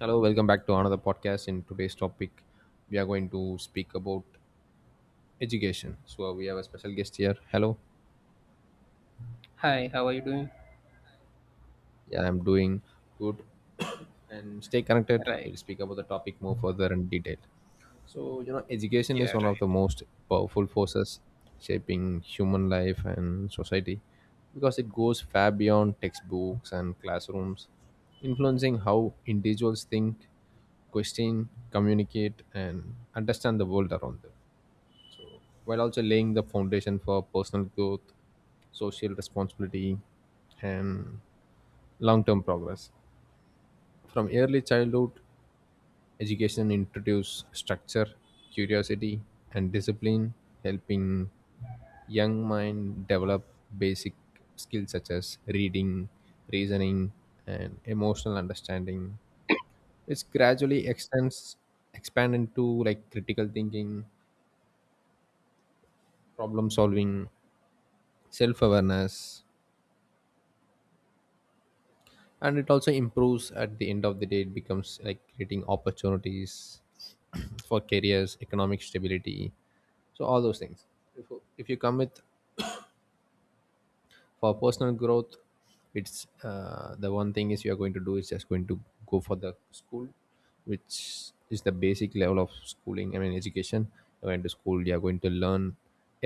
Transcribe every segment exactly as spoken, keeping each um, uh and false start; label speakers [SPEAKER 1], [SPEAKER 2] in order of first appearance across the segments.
[SPEAKER 1] Hello, welcome back to another podcast. In today's topic, we are going to speak about education. So we have a special guest here. Hello.
[SPEAKER 2] Hi, how are you doing?
[SPEAKER 1] Yeah, I'm doing good. And stay connected.
[SPEAKER 2] Right.
[SPEAKER 1] We'll speak about the topic more further in detail. So, you know, education is
[SPEAKER 2] Yeah.
[SPEAKER 1] one of the most powerful forces shaping human life and society, because it goes far beyond textbooks and classrooms, influencing how individuals think, question, communicate, and understand the world around them. So, while also laying the foundation for personal growth, social responsibility, and long-term progress. From early childhood, education introduces structure, curiosity, and discipline, helping young mind develop basic skills such as reading, reasoning, and emotional understanding, which gradually extends expand into like critical thinking, problem solving, self awareness, and it also improves. At the end of the day, it becomes like creating opportunities for careers, economic stability. So all those things, if, if you come with for personal growth, it's uh, the one thing is you are going to do is just going to go for the school, which is the basic level of schooling, I mean education. You're going to school, you're going to learn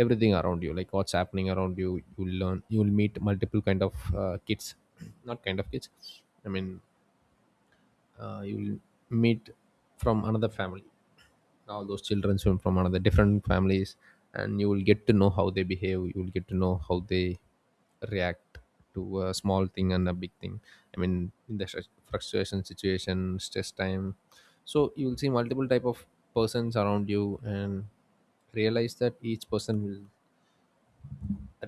[SPEAKER 1] everything around you, like what's happening around you, you'll learn, you'll meet multiple kind of uh, kids. Not kind of kids, I mean, uh, you'll meet from another family, all those children from from another different families. And you will get to know how they behave, you will get to know how they react to a small thing and a big thing, I mean in the stress- frustration situation, stress time. So you will see multiple type of persons around you and realize that each person will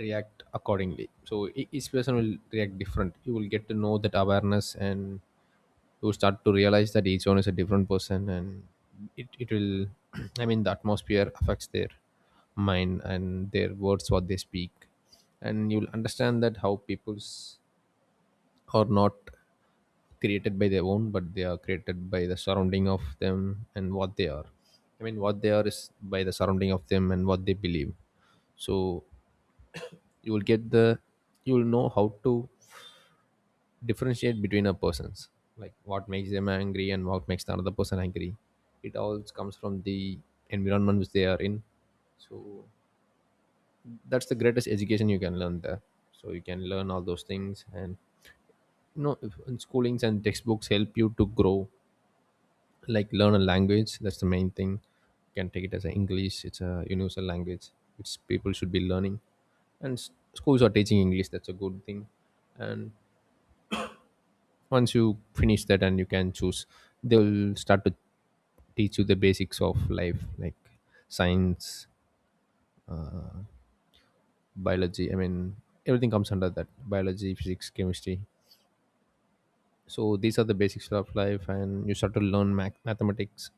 [SPEAKER 1] react accordingly. So e- each person will react different, you will get to know that awareness. And you start to realize that each one is a different person, and it, it will I mean, the atmosphere affects their mind and their words, what they speak. And you'll understand that how peoples are not created by their own, but they are created by the surrounding of them and what they are. I mean what they are is by the surrounding of them and what they believe. So you will get the you will know how to differentiate between a persons, like what makes them angry and what makes the another person angry. It all comes from the environment which they are in. So that's the greatest education you can learn there. So you can learn all those things, and you know if, and schoolings and textbooks help you to grow, like learn a language. That's the main thing. You can take it as an English, it's a universal language which people should be learning. And s- schools are teaching English, that's a good thing. And once you finish that and you can choose, they'll start to teach you the basics of life, like science, biology, I mean everything comes under that, biology, physics, chemistry. So these are the basics of life, and you start to learn math, mathematics.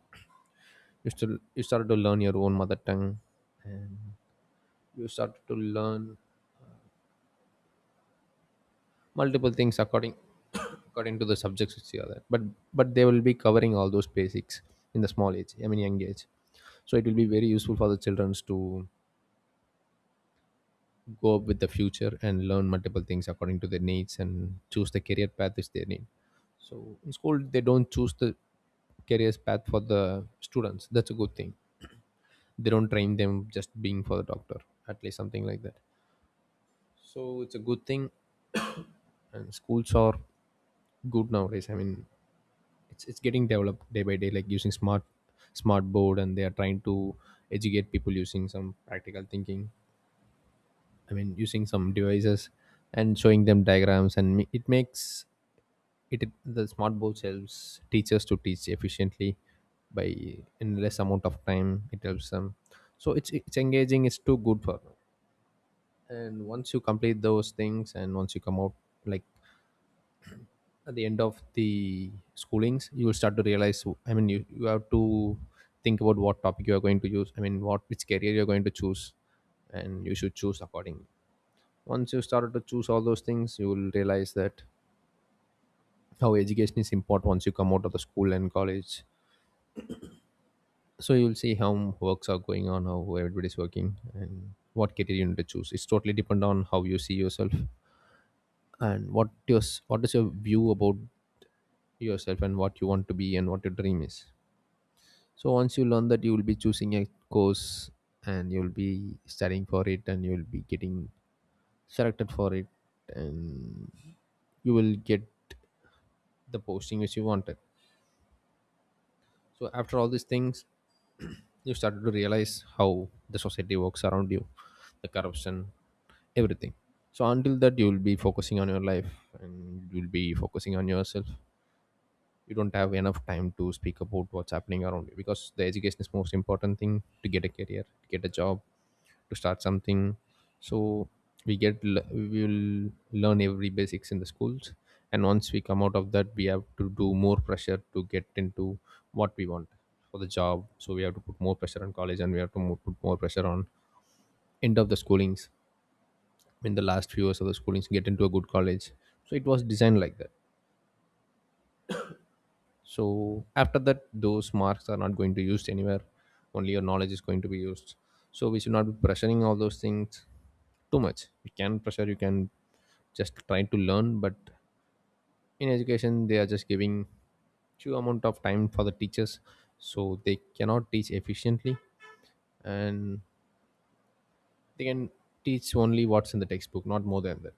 [SPEAKER 1] You still you start to learn your own mother tongue. And you start to learn multiple things according according to the subjects which you are there, but but they will be covering all those basics in the small age, I mean young age. So it will be very useful for the children to go up with the future and learn multiple things according to their needs and choose the career path which they need. So in school, they don't choose the career path for the students. That's a good thing. They don't train them just being for the doctor, at least something like that. So it's a good thing. And schools are good nowadays, I mean it's it's getting developed day by day, like using smart smart board, and they are trying to educate people using some practical thinking, I mean using some devices and showing them diagrams. And ma- it makes it, it the smart boards helps teachers to teach efficiently by in less amount of time, it helps them. So it's it's engaging, it's too good for. And once you complete those things and once you come out, like at the end of the schoolings, you will start to realize, I mean you, you have to think about what topic you are going to use, I mean what which career you're going to choose. And you should choose accordingly. Once you started to choose all those things, you will realize that how education is important once you come out of the school and college. So you'll see how works are going on, how everybody's working, and what career you need to choose. It's totally depend on how you see yourself, and what your what is your view about yourself, and what you want to be, and what your dream is. So once you learn that, you will be choosing a course, and you'll be studying for it, and you'll be getting selected for it. And you will get the posting which you wanted. So after all these things, you started to realize how the society works around you, the corruption, everything. So until that, you will be focusing on your life, and you'll be focusing on yourself. You don't have enough time to speak about what's happening around you, because the education is most important thing to get a career, to get a job, to start something. So we get l- we will learn every basics in the schools. And once we come out of that, we have to do more pressure to get into what we want for the job. So we have to put more pressure on college, and we have to mo- put more pressure on end of the schoolings, in the last few years of the schoolings, get into a good college. So it was designed like that. So after that, those marks are not going to be used anywhere, only your knowledge is going to be used. So we should not be pressuring all those things too much. You can pressure, you can just try to learn. But in education, they are just giving few amount of time for the teachers, so they cannot teach efficiently. And they can teach only what's in the textbook, not more than that.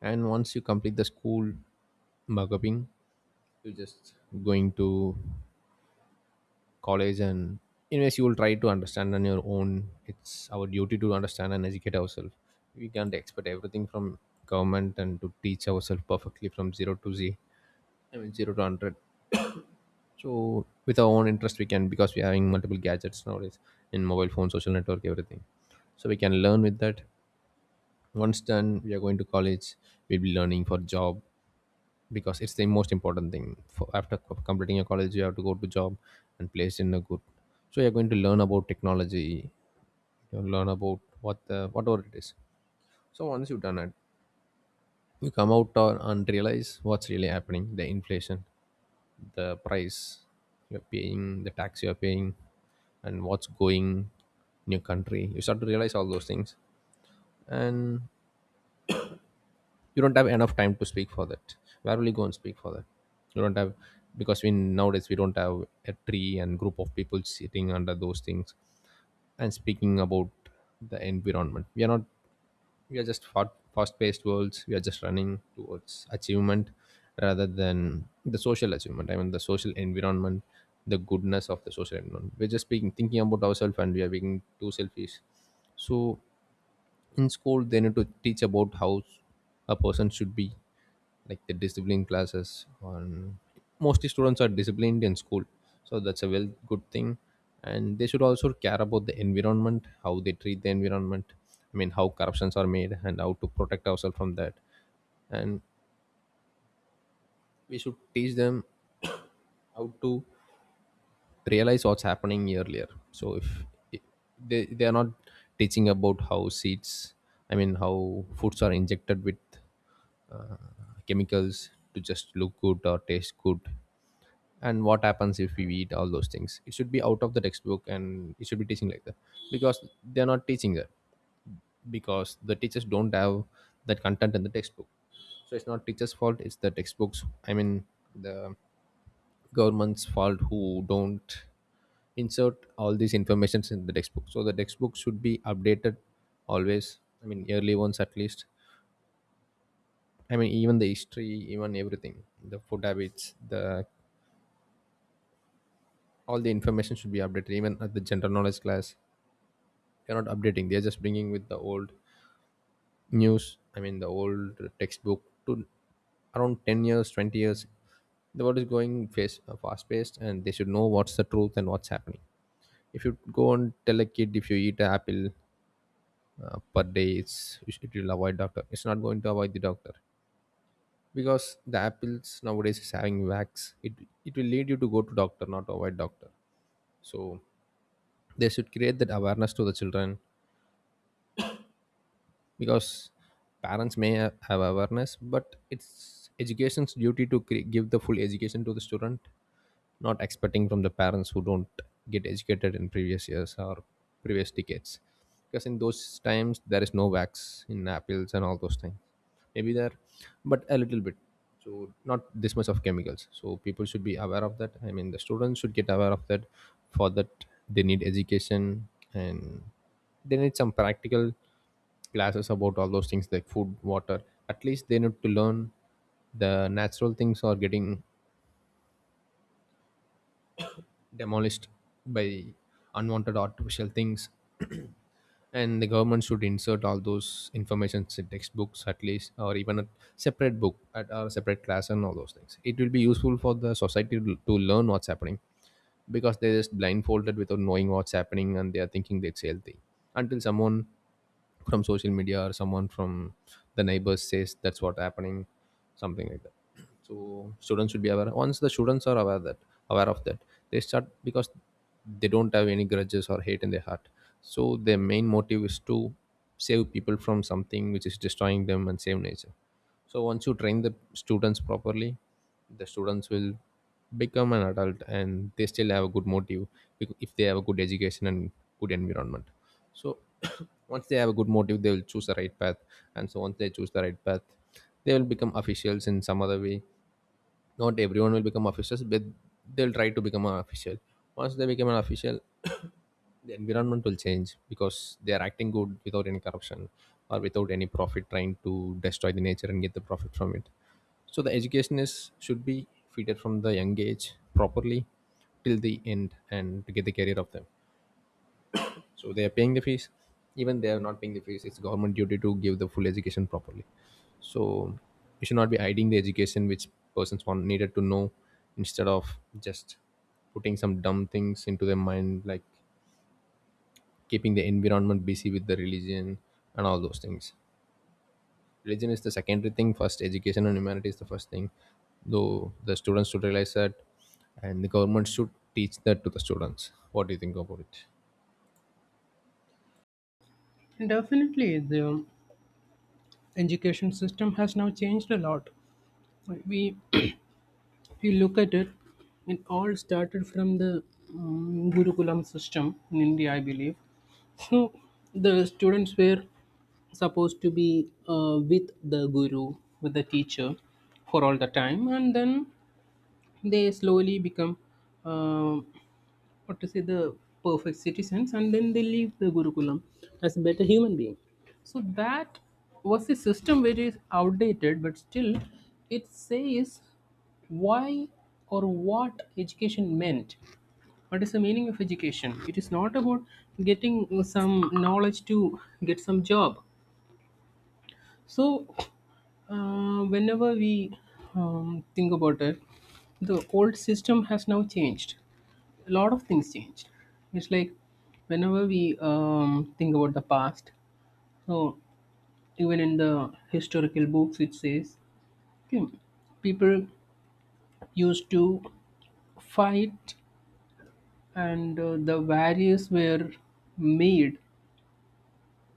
[SPEAKER 1] And once you complete the school mugging, you're just going to college, and anyways you will try to understand on your own. It's our duty to understand and educate ourselves. We can't expect everything from government and to teach ourselves perfectly from zero to z, I mean zero to one hundred. So with our own interest we can, because we're having multiple gadgets nowadays, in mobile phone, social network, everything. So we can learn with that. Once done, we are going to college, we'll be learning for job, because it's the most important thing for after co- completing your college, you have to go to job and place in a good. So you're going to learn about technology, you'll learn about what the whatever it is. So once you've done it, you come out or- and realize what's really happening, the inflation, the price you're paying, the tax you're paying, and what's going in your country. You start to realize all those things. And you don't have enough time to speak for that. Where will you go and speak for that? You don't have, because we nowadays we don't have a tree and group of people sitting under those things and speaking about the environment. We are not, we are just fast paced worlds, we are just running towards achievement rather than the social achievement. I mean the social environment, the goodness of the social environment. We're just speaking thinking about ourselves, and we are being too selfish. So in school, they need to teach about how a person should be, like the discipline classes on. Mostly students are disciplined in school, so that's a well good thing. And they should also care about the environment, how they treat the environment, I mean how corruptions are made and how to protect ourselves from that. And we should teach them how to realize what's happening earlier. So if if they, they are not teaching about how seeds, I mean how foods are injected with chemicals to just look good or taste good. And what happens if we eat all those things, it should be out of the textbook and it should be teaching like that. Because they're not teaching that, because the teachers don't have that content in the textbook. So it's not teachers fault, it's the textbooks, I mean the government's fault who don't insert all these informations in the textbook. So the textbook should be updated always, I mean yearly ones at least. I mean even the history, even everything, the food habits, the all the information should be updated even at the general knowledge class. They're not updating, they're just Bringing with the old news, i mean the old textbook to around ten years, twenty years. The world is going fast, fast paced and they should know what's the truth and what's happening. If you go and tell a kid if you eat an apple uh, per day it's it will avoid doctor, it's not going to avoid the doctor, because the apples nowadays is having wax. It it will lead you to go to doctor, not avoid doctor. So they should create that awareness to the children, because parents may ha- have awareness, but it's education's duty to cre- give the full education to the student, not expecting from the parents who don't get educated in previous years or previous decades. Because in those times there is no wax in apples and all those things. Maybe there, but a little bit. So not this much of chemicals. So people should be aware of that. I mean, the students should get aware of that. For that they need education, and they need some practical classes about all those things like food, water. At least they need to learn the natural things are getting demolished by unwanted artificial things. And the government should insert all those informations in textbooks at least, or even a separate book at, or a separate class and all those things. It will be useful for the society to to learn what's happening, because they're just blindfolded without knowing what's happening, and they are thinking it's healthy, until someone from social media or someone from the neighbors says that's what happening, something like that. So students should be aware. Once the students are aware that aware of that, they start, because they don't have any grudges or hate in their heart. So their main motive is to save people from something which is destroying them and save nature. So once you train the students properly, the students will become an adult and they still have a good motive. Bec- if they have a good education and good environment, so once they have a good motive, they will choose the right path. And so once they choose the right path, they will become officials in some other way. Not everyone will become officials, but they'll try to become an official. Once they become an official, the environment will change, because they are acting good without any corruption or without any profit trying to destroy the nature and get the profit from it. So the education is should be treated from the young age properly till the end, and to get the career of them. So they are paying the fees. Even they are not paying the fees, it's government duty to give the full education properly. So you should not be hiding the education which persons want needed to know, instead of just putting some dumb things into their mind like keeping the environment busy with the religion and all those things. Religion is the secondary thing. First, education and humanity is the first thing. Though the students should realize that, and the government should teach that to the students. What do you think about it?
[SPEAKER 2] Definitely, the education system has now changed a lot. We, if you look at it, it all started from the um, Gurukulam system in India, I believe. So the students were supposed to be uh, with the guru, with the teacher for all the time, and then they slowly become. um what to say, the perfect citizens, and then they leave the Gurukulam as a better human being. So that was a system which is outdated, but still it says why or what education meant. What is the meaning of education? It is not about getting some knowledge to get some job. So uh, whenever we um, think about it, the old system has now changed. A lot of things changed. It's like whenever we um, think about the past. So even in the historical books, it says, okay, people used to fight, and uh, the warriors were made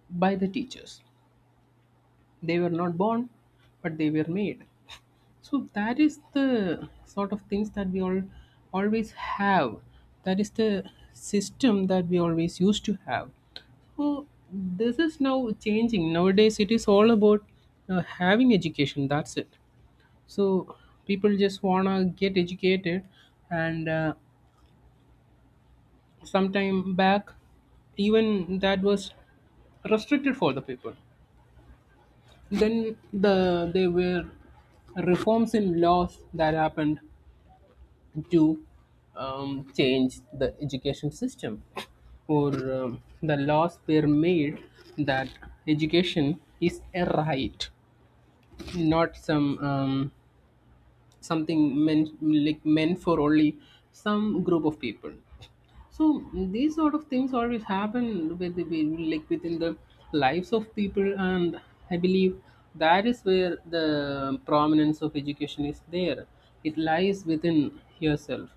[SPEAKER 2] by the teachers. They were not born, but they were made. So that is the sort of things that we all always have. That is the system that we always used to have. Oh, this is now changing. Nowadays, it is all about uh, having education. That's it. So people just wanna get educated, and uh, sometime back, even that was restricted for the people. Then the there were reforms in laws that happened to um, change the education system, or um, the laws were made that education is a right, not some um, something meant like meant for only some group of people. So these sort of things always happen with the, with- like within the lives of people, and I believe that is where the prominence of education is there. It lies within yourself.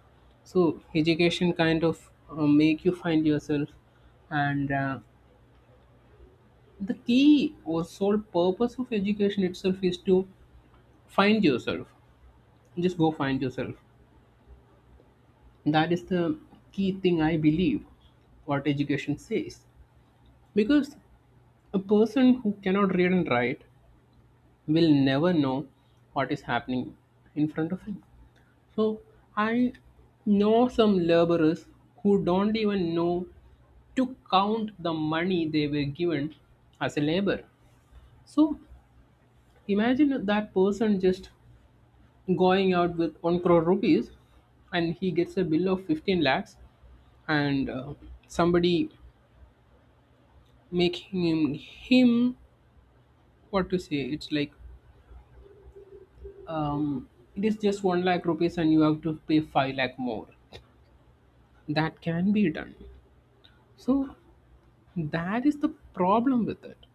[SPEAKER 2] So education kind of uh, make you find yourself, and uh, the key or sole purpose of education itself is to find yourself. Just go find yourself. That is the key thing, I believe, what education says, because a person who cannot read and write will never know what is happening in front of him. So I know some laborers who don't even know to count the money they were given as a labor. So imagine that person just going out with 1 crore rupees, and he gets a bill of 15 lakhs, and uh, somebody making him, him, what to say, it's like, um, it is just 1 lakh rupees and you have to pay 5 lakh more. That can be done. So that is the problem with it.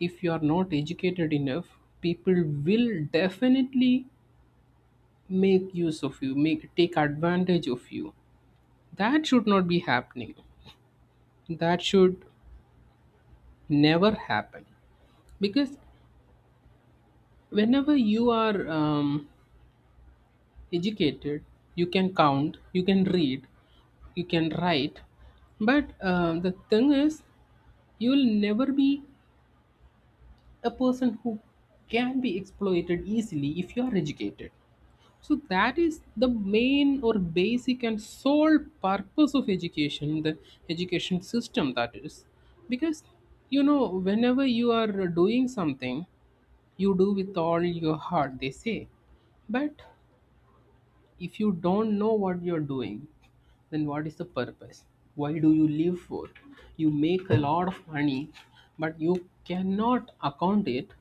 [SPEAKER 2] If you are not educated enough, people will definitely make use of you, make take advantage of you. That should not be happening. That should never happen, because whenever you are um, educated, you can count, you can read, you can write. But uh, the thing is, you'll never be a person who can be exploited easily if you are educated. So that is the main or basic and sole purpose of education, the education system, that is. Because you know whenever you are doing something, you do with all your heart, they say. But if you don't know what you're doing, then what is the purpose? Why do you live for? You make a lot of money, but you cannot account it,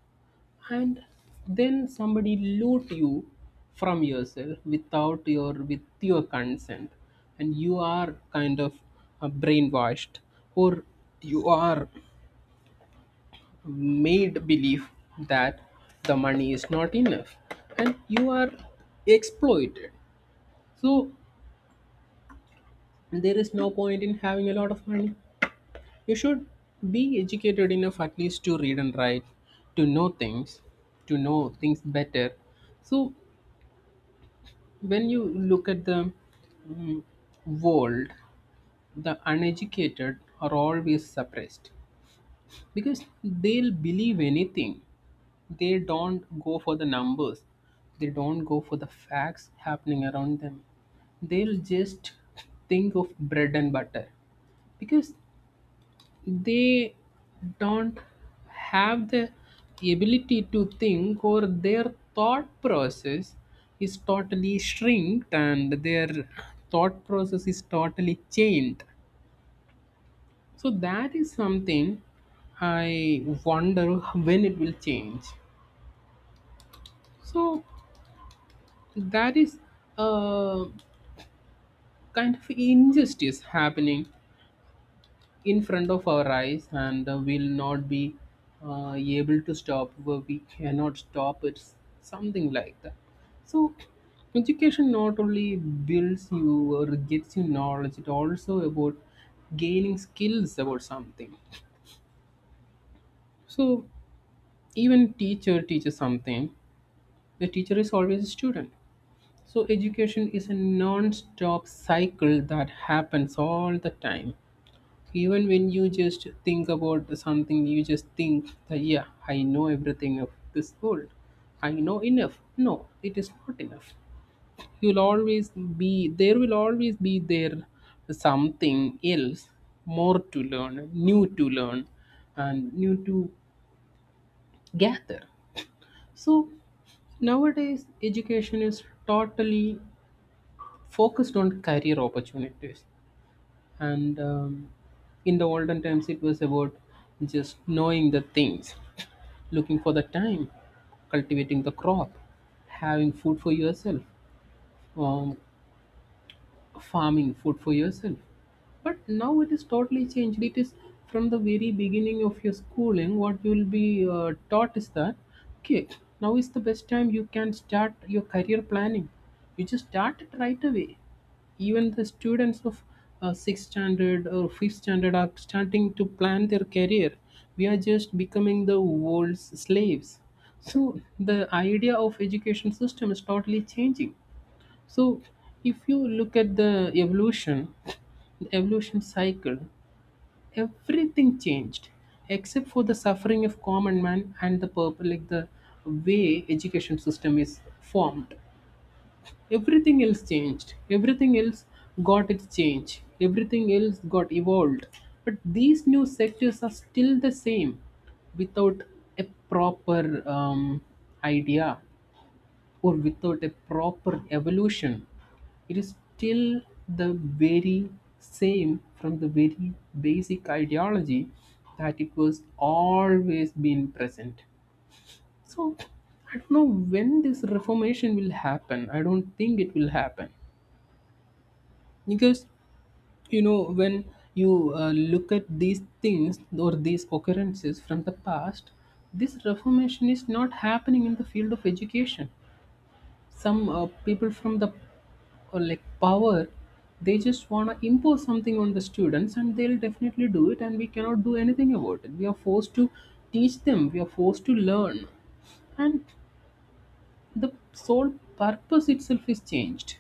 [SPEAKER 2] and then somebody loot you from yourself without your with your consent, and you are kind of uh, brainwashed, or you are made believe that the money is not enough, and you are exploited. So there is no point in having a lot of money. You should be educated enough at least to read and write, to know things, to know things better. So when you look at the mm, world, the uneducated are always suppressed because they'll believe anything. They don't go for the numbers. They don't go for the facts happening around them. They'll just think of bread and butter, because they don't have the ability to think, or their thought process is totally shrinked and their thought process is totally chained. So that is something I wonder when it will change. So that is a kind of injustice happening in front of our eyes, and uh, will not be uh, able to stop, where we cannot stop it, something like that. So education not only builds you or gets you knowledge, it also about gaining skills about something. So even teacher teaches something, the teacher is always a student. So education is a non-stop cycle that happens all the time. Even when you just think about something, you just think that, yeah, I know everything of this world. I know enough. No, it is not enough. You'll always be, there will always be there something else, more to learn, new to learn, and new to gather. So nowadays, education is totally focused on career opportunities. And um, in the olden times it was about just knowing the things, looking for the time, cultivating the crop, having food for yourself, um, farming food for yourself. But now it is totally changed. It is, from the very beginning of your schooling, what you will be uh, taught is that, okay, now is the best time you can start your career planning. You just start it right away. Even the students of uh, sixth standard or fifth standard are starting to plan their career. We are just becoming the world's slaves. So the idea of education system is totally changing. So, if you look at the evolution, the evolution cycle, everything changed except for the suffering of common man and the purpose, like the way education system is formed. Everything else changed. Everything else got its change. Everything else got evolved. But these new sectors are still the same without a proper um, idea, or without a proper evolution, it is still the very same from the very basic ideology that it was always been present. So I don't know when this reformation will happen. I don't think it will happen, because you know when you uh, look at these things or these occurrences from the past, this reformation is not happening in the field of education. Some uh, people from the uh, like power, they just want to impose something on the students, and they'll definitely do it, and we cannot do anything about it. We are forced to teach them, we are forced to learn. And the sole purpose itself is changed,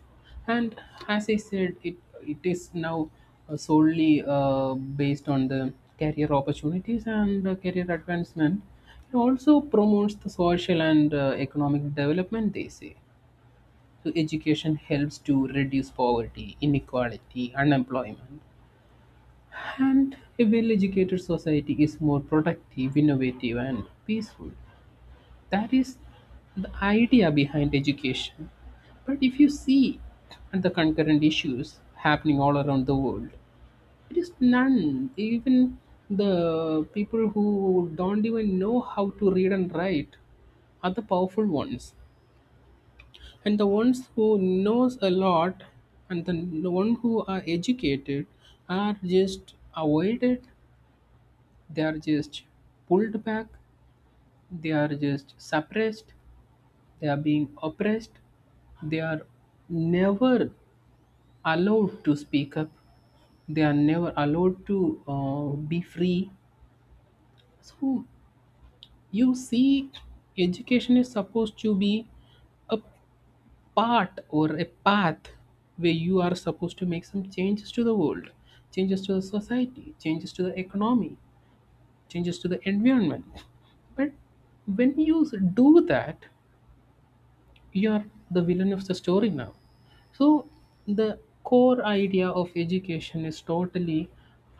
[SPEAKER 2] and as I said it it is now uh, solely uh, based on the career opportunities and uh, career advancement. It also promotes the social and uh, economic development, they say. So education helps to reduce poverty, inequality, unemployment. And a well educated society is more productive, innovative, and peaceful. That is the idea behind education. But if you see the concurrent issues happening all around the world, it is none. Even the people who don't even know how to read and write are the powerful ones. And the ones who knows a lot, and the one who are educated, are just avoided. They are just pulled back, they are just suppressed, they are being oppressed, they are never allowed to speak up, they are never allowed to uh, be free. So you see, education is supposed to be a part or a path where you are supposed to make some changes to the world, changes to the society, changes to the economy, changes to the environment. But when you do that, you're the villain of the story now. So the core idea of education is totally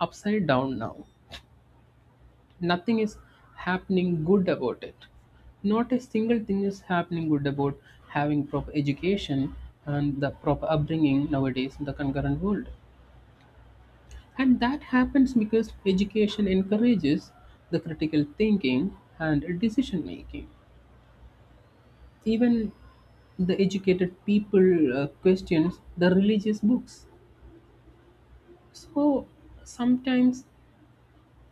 [SPEAKER 2] upside down now. Nothing is happening good about it, not a single thing is happening good about having proper education and the proper upbringing nowadays in the concurrent world. And that happens because education encourages the critical thinking and decision making. Even the educated people uh, questions the religious books. So sometimes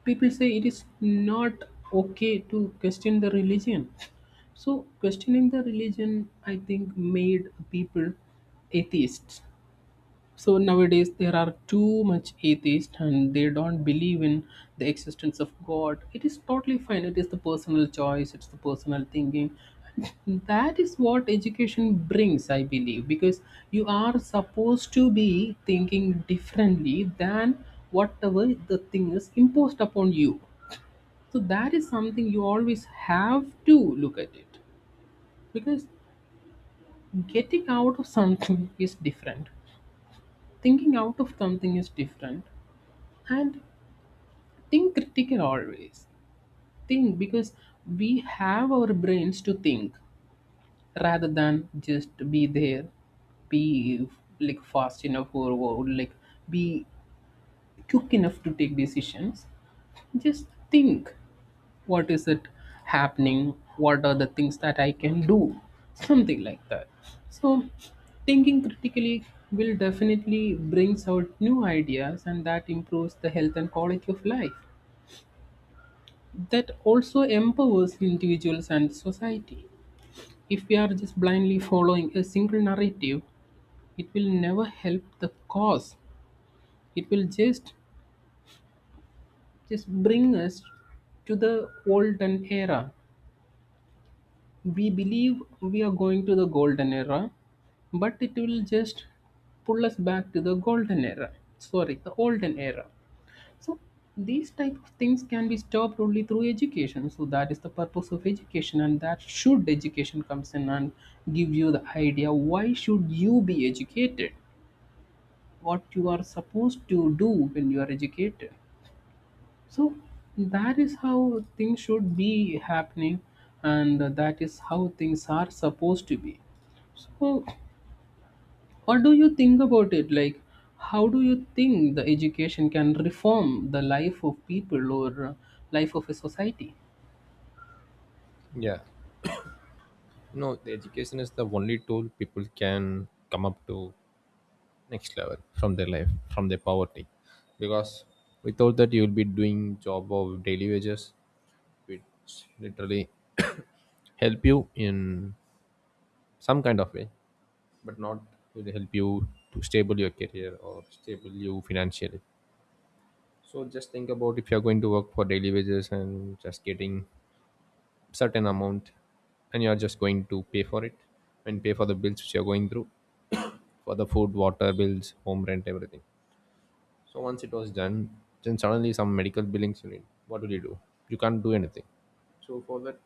[SPEAKER 2] people say it is not okay to question the religion. So questioning the religion, I think, made people atheists. So nowadays there are too much atheists, and they don't believe in the existence of God. It is totally fine, it is the personal choice, it's the personal thinking. That is what education brings, I believe, because you are supposed to be thinking differently than whatever the thing is imposed upon you. So that is something you always have to look at it, because getting out of something is different. Thinking out of something is different. And think critical always. Think, because we have our brains to think rather than just be there, be like fast enough, or, or like be quick enough to take decisions. Just think, what is it happening, what are the things that I can do, something like that. So thinking critically will definitely brings out new ideas, and that improves the health and quality of life. That also empowers individuals and society. If we are just blindly following a single narrative, it will never help the cause. It will just just bring us to the olden era. We believe we are going to the golden era, but it will just pull us back to the golden era. Sorry, the olden era. So these type of things can be stopped only through education. So that is the purpose of education, and that should education comes in and give you the idea why should you be educated, what you are supposed to do when you are educated. So that is how things should be happening, and that is how things are supposed to be. So, what do you think about it? Like, how do you think the education can reform the life of people, or uh, life of a society?
[SPEAKER 1] Yeah. No, the education is the only tool people can come up to next level from their life, from their poverty. Because without that, you will be doing job of daily wages, which literally help you in some kind of way, but not will help you to stable your career or stable you financially. So just think about if you are going to work for daily wages and just getting certain amount, and you're just going to pay for it and pay for the bills which you're going through, for the food, water bills, home rent, everything. So once it was done, then suddenly some medical billings you need, what will you do? You can't do anything. So for that,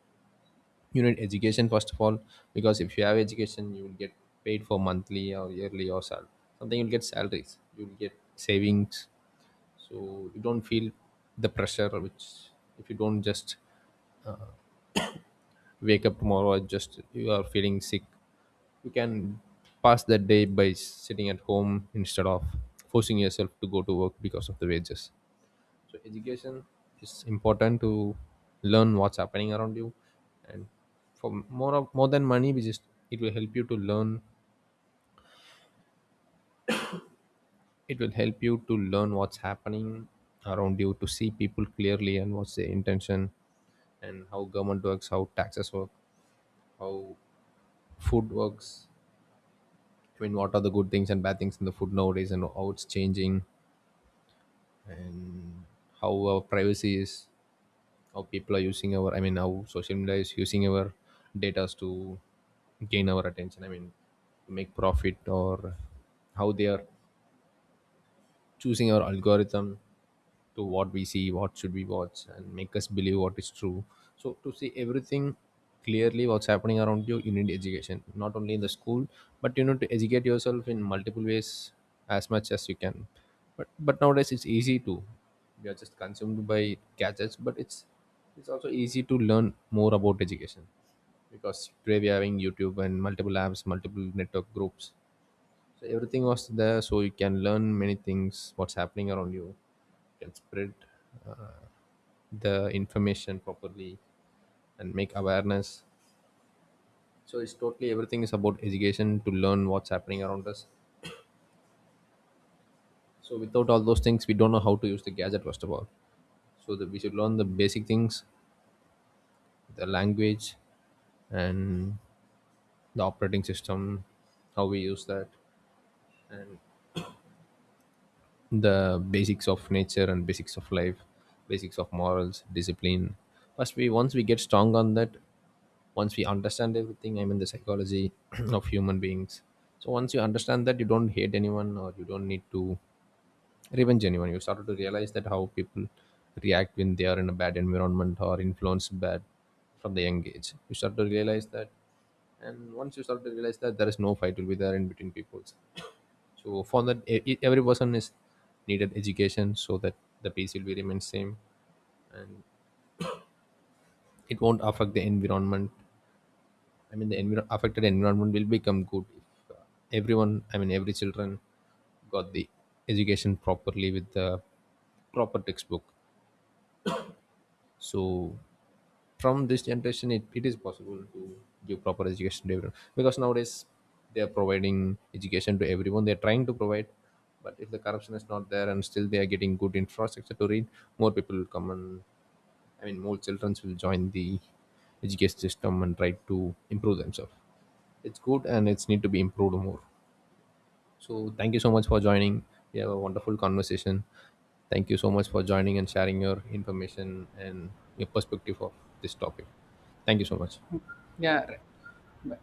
[SPEAKER 1] you need education first of all. Because if you have education, you will get paid for monthly or yearly, or sal- something, you'll get salaries, you'll get savings. So you don't feel the pressure which, if you don't just wake up tomorrow or just you are feeling sick, you can pass that day by sitting at home instead of forcing yourself to go to work because of the wages. So education is important to learn what's happening around you, and for more of more than money, which is it will help you to learn, it will help you to learn what's happening around you, to see people clearly and what's their intention, and how government works, how taxes work, how food works. I mean, what are the good things and bad things in the food nowadays, and how it's changing, and how our privacy is, how people are using our, I mean, how social media is using our data to gain our attention. I mean, to make profit, or how they are choosing our algorithm to what we see, what should we watch, and make us believe what is true. So to see everything clearly what's happening around you, you need education, not only in the school, but you know, to educate yourself in multiple ways as much as you can. But but nowadays it's easy to, we are just consumed by gadgets, but it's it's also easy to learn more about education, because today we are having YouTube and multiple apps, multiple network groups. So everything was there, so you can learn many things. What's happening around you, you can spread uh, the information properly and make awareness. So it's totally everything is about education to learn what's happening around us. So without all those things, we don't know how to use the gadget first of all. So that we should learn the basic things, the language, and the operating system, how we use that, and the basics of nature and basics of life, basics of morals, discipline. First we Once we get strong on that, once we understand everything, I mean the psychology of human beings. So once you understand that, you don't hate anyone, or you don't need to revenge anyone. You started to realize that how people react when they are in a bad environment or influenced bad. From the young age you start to realize that, and once you start to realize that, there is no fight will be there in between peoples. So for that, e- e- every person is needed education, so that the pace will be remain same. It won't affect the environment. I mean, the envir- affected environment will become good if uh, everyone, I mean, every children got the education properly with the proper textbook. So from this generation it, it is possible to give proper education to everyone, because nowadays they are providing education to everyone, they are trying to provide. But if the corruption is not there and still they are getting good infrastructure to read, more people will come, and I mean more children will join the education system and try to improve themselves. It's good, and it's need to be improved more. So thank you so much for joining. We have a wonderful conversation. Thank you so much for joining and sharing your information and your perspective of this topic. Thank you so much.
[SPEAKER 2] Yeah, right. Bye.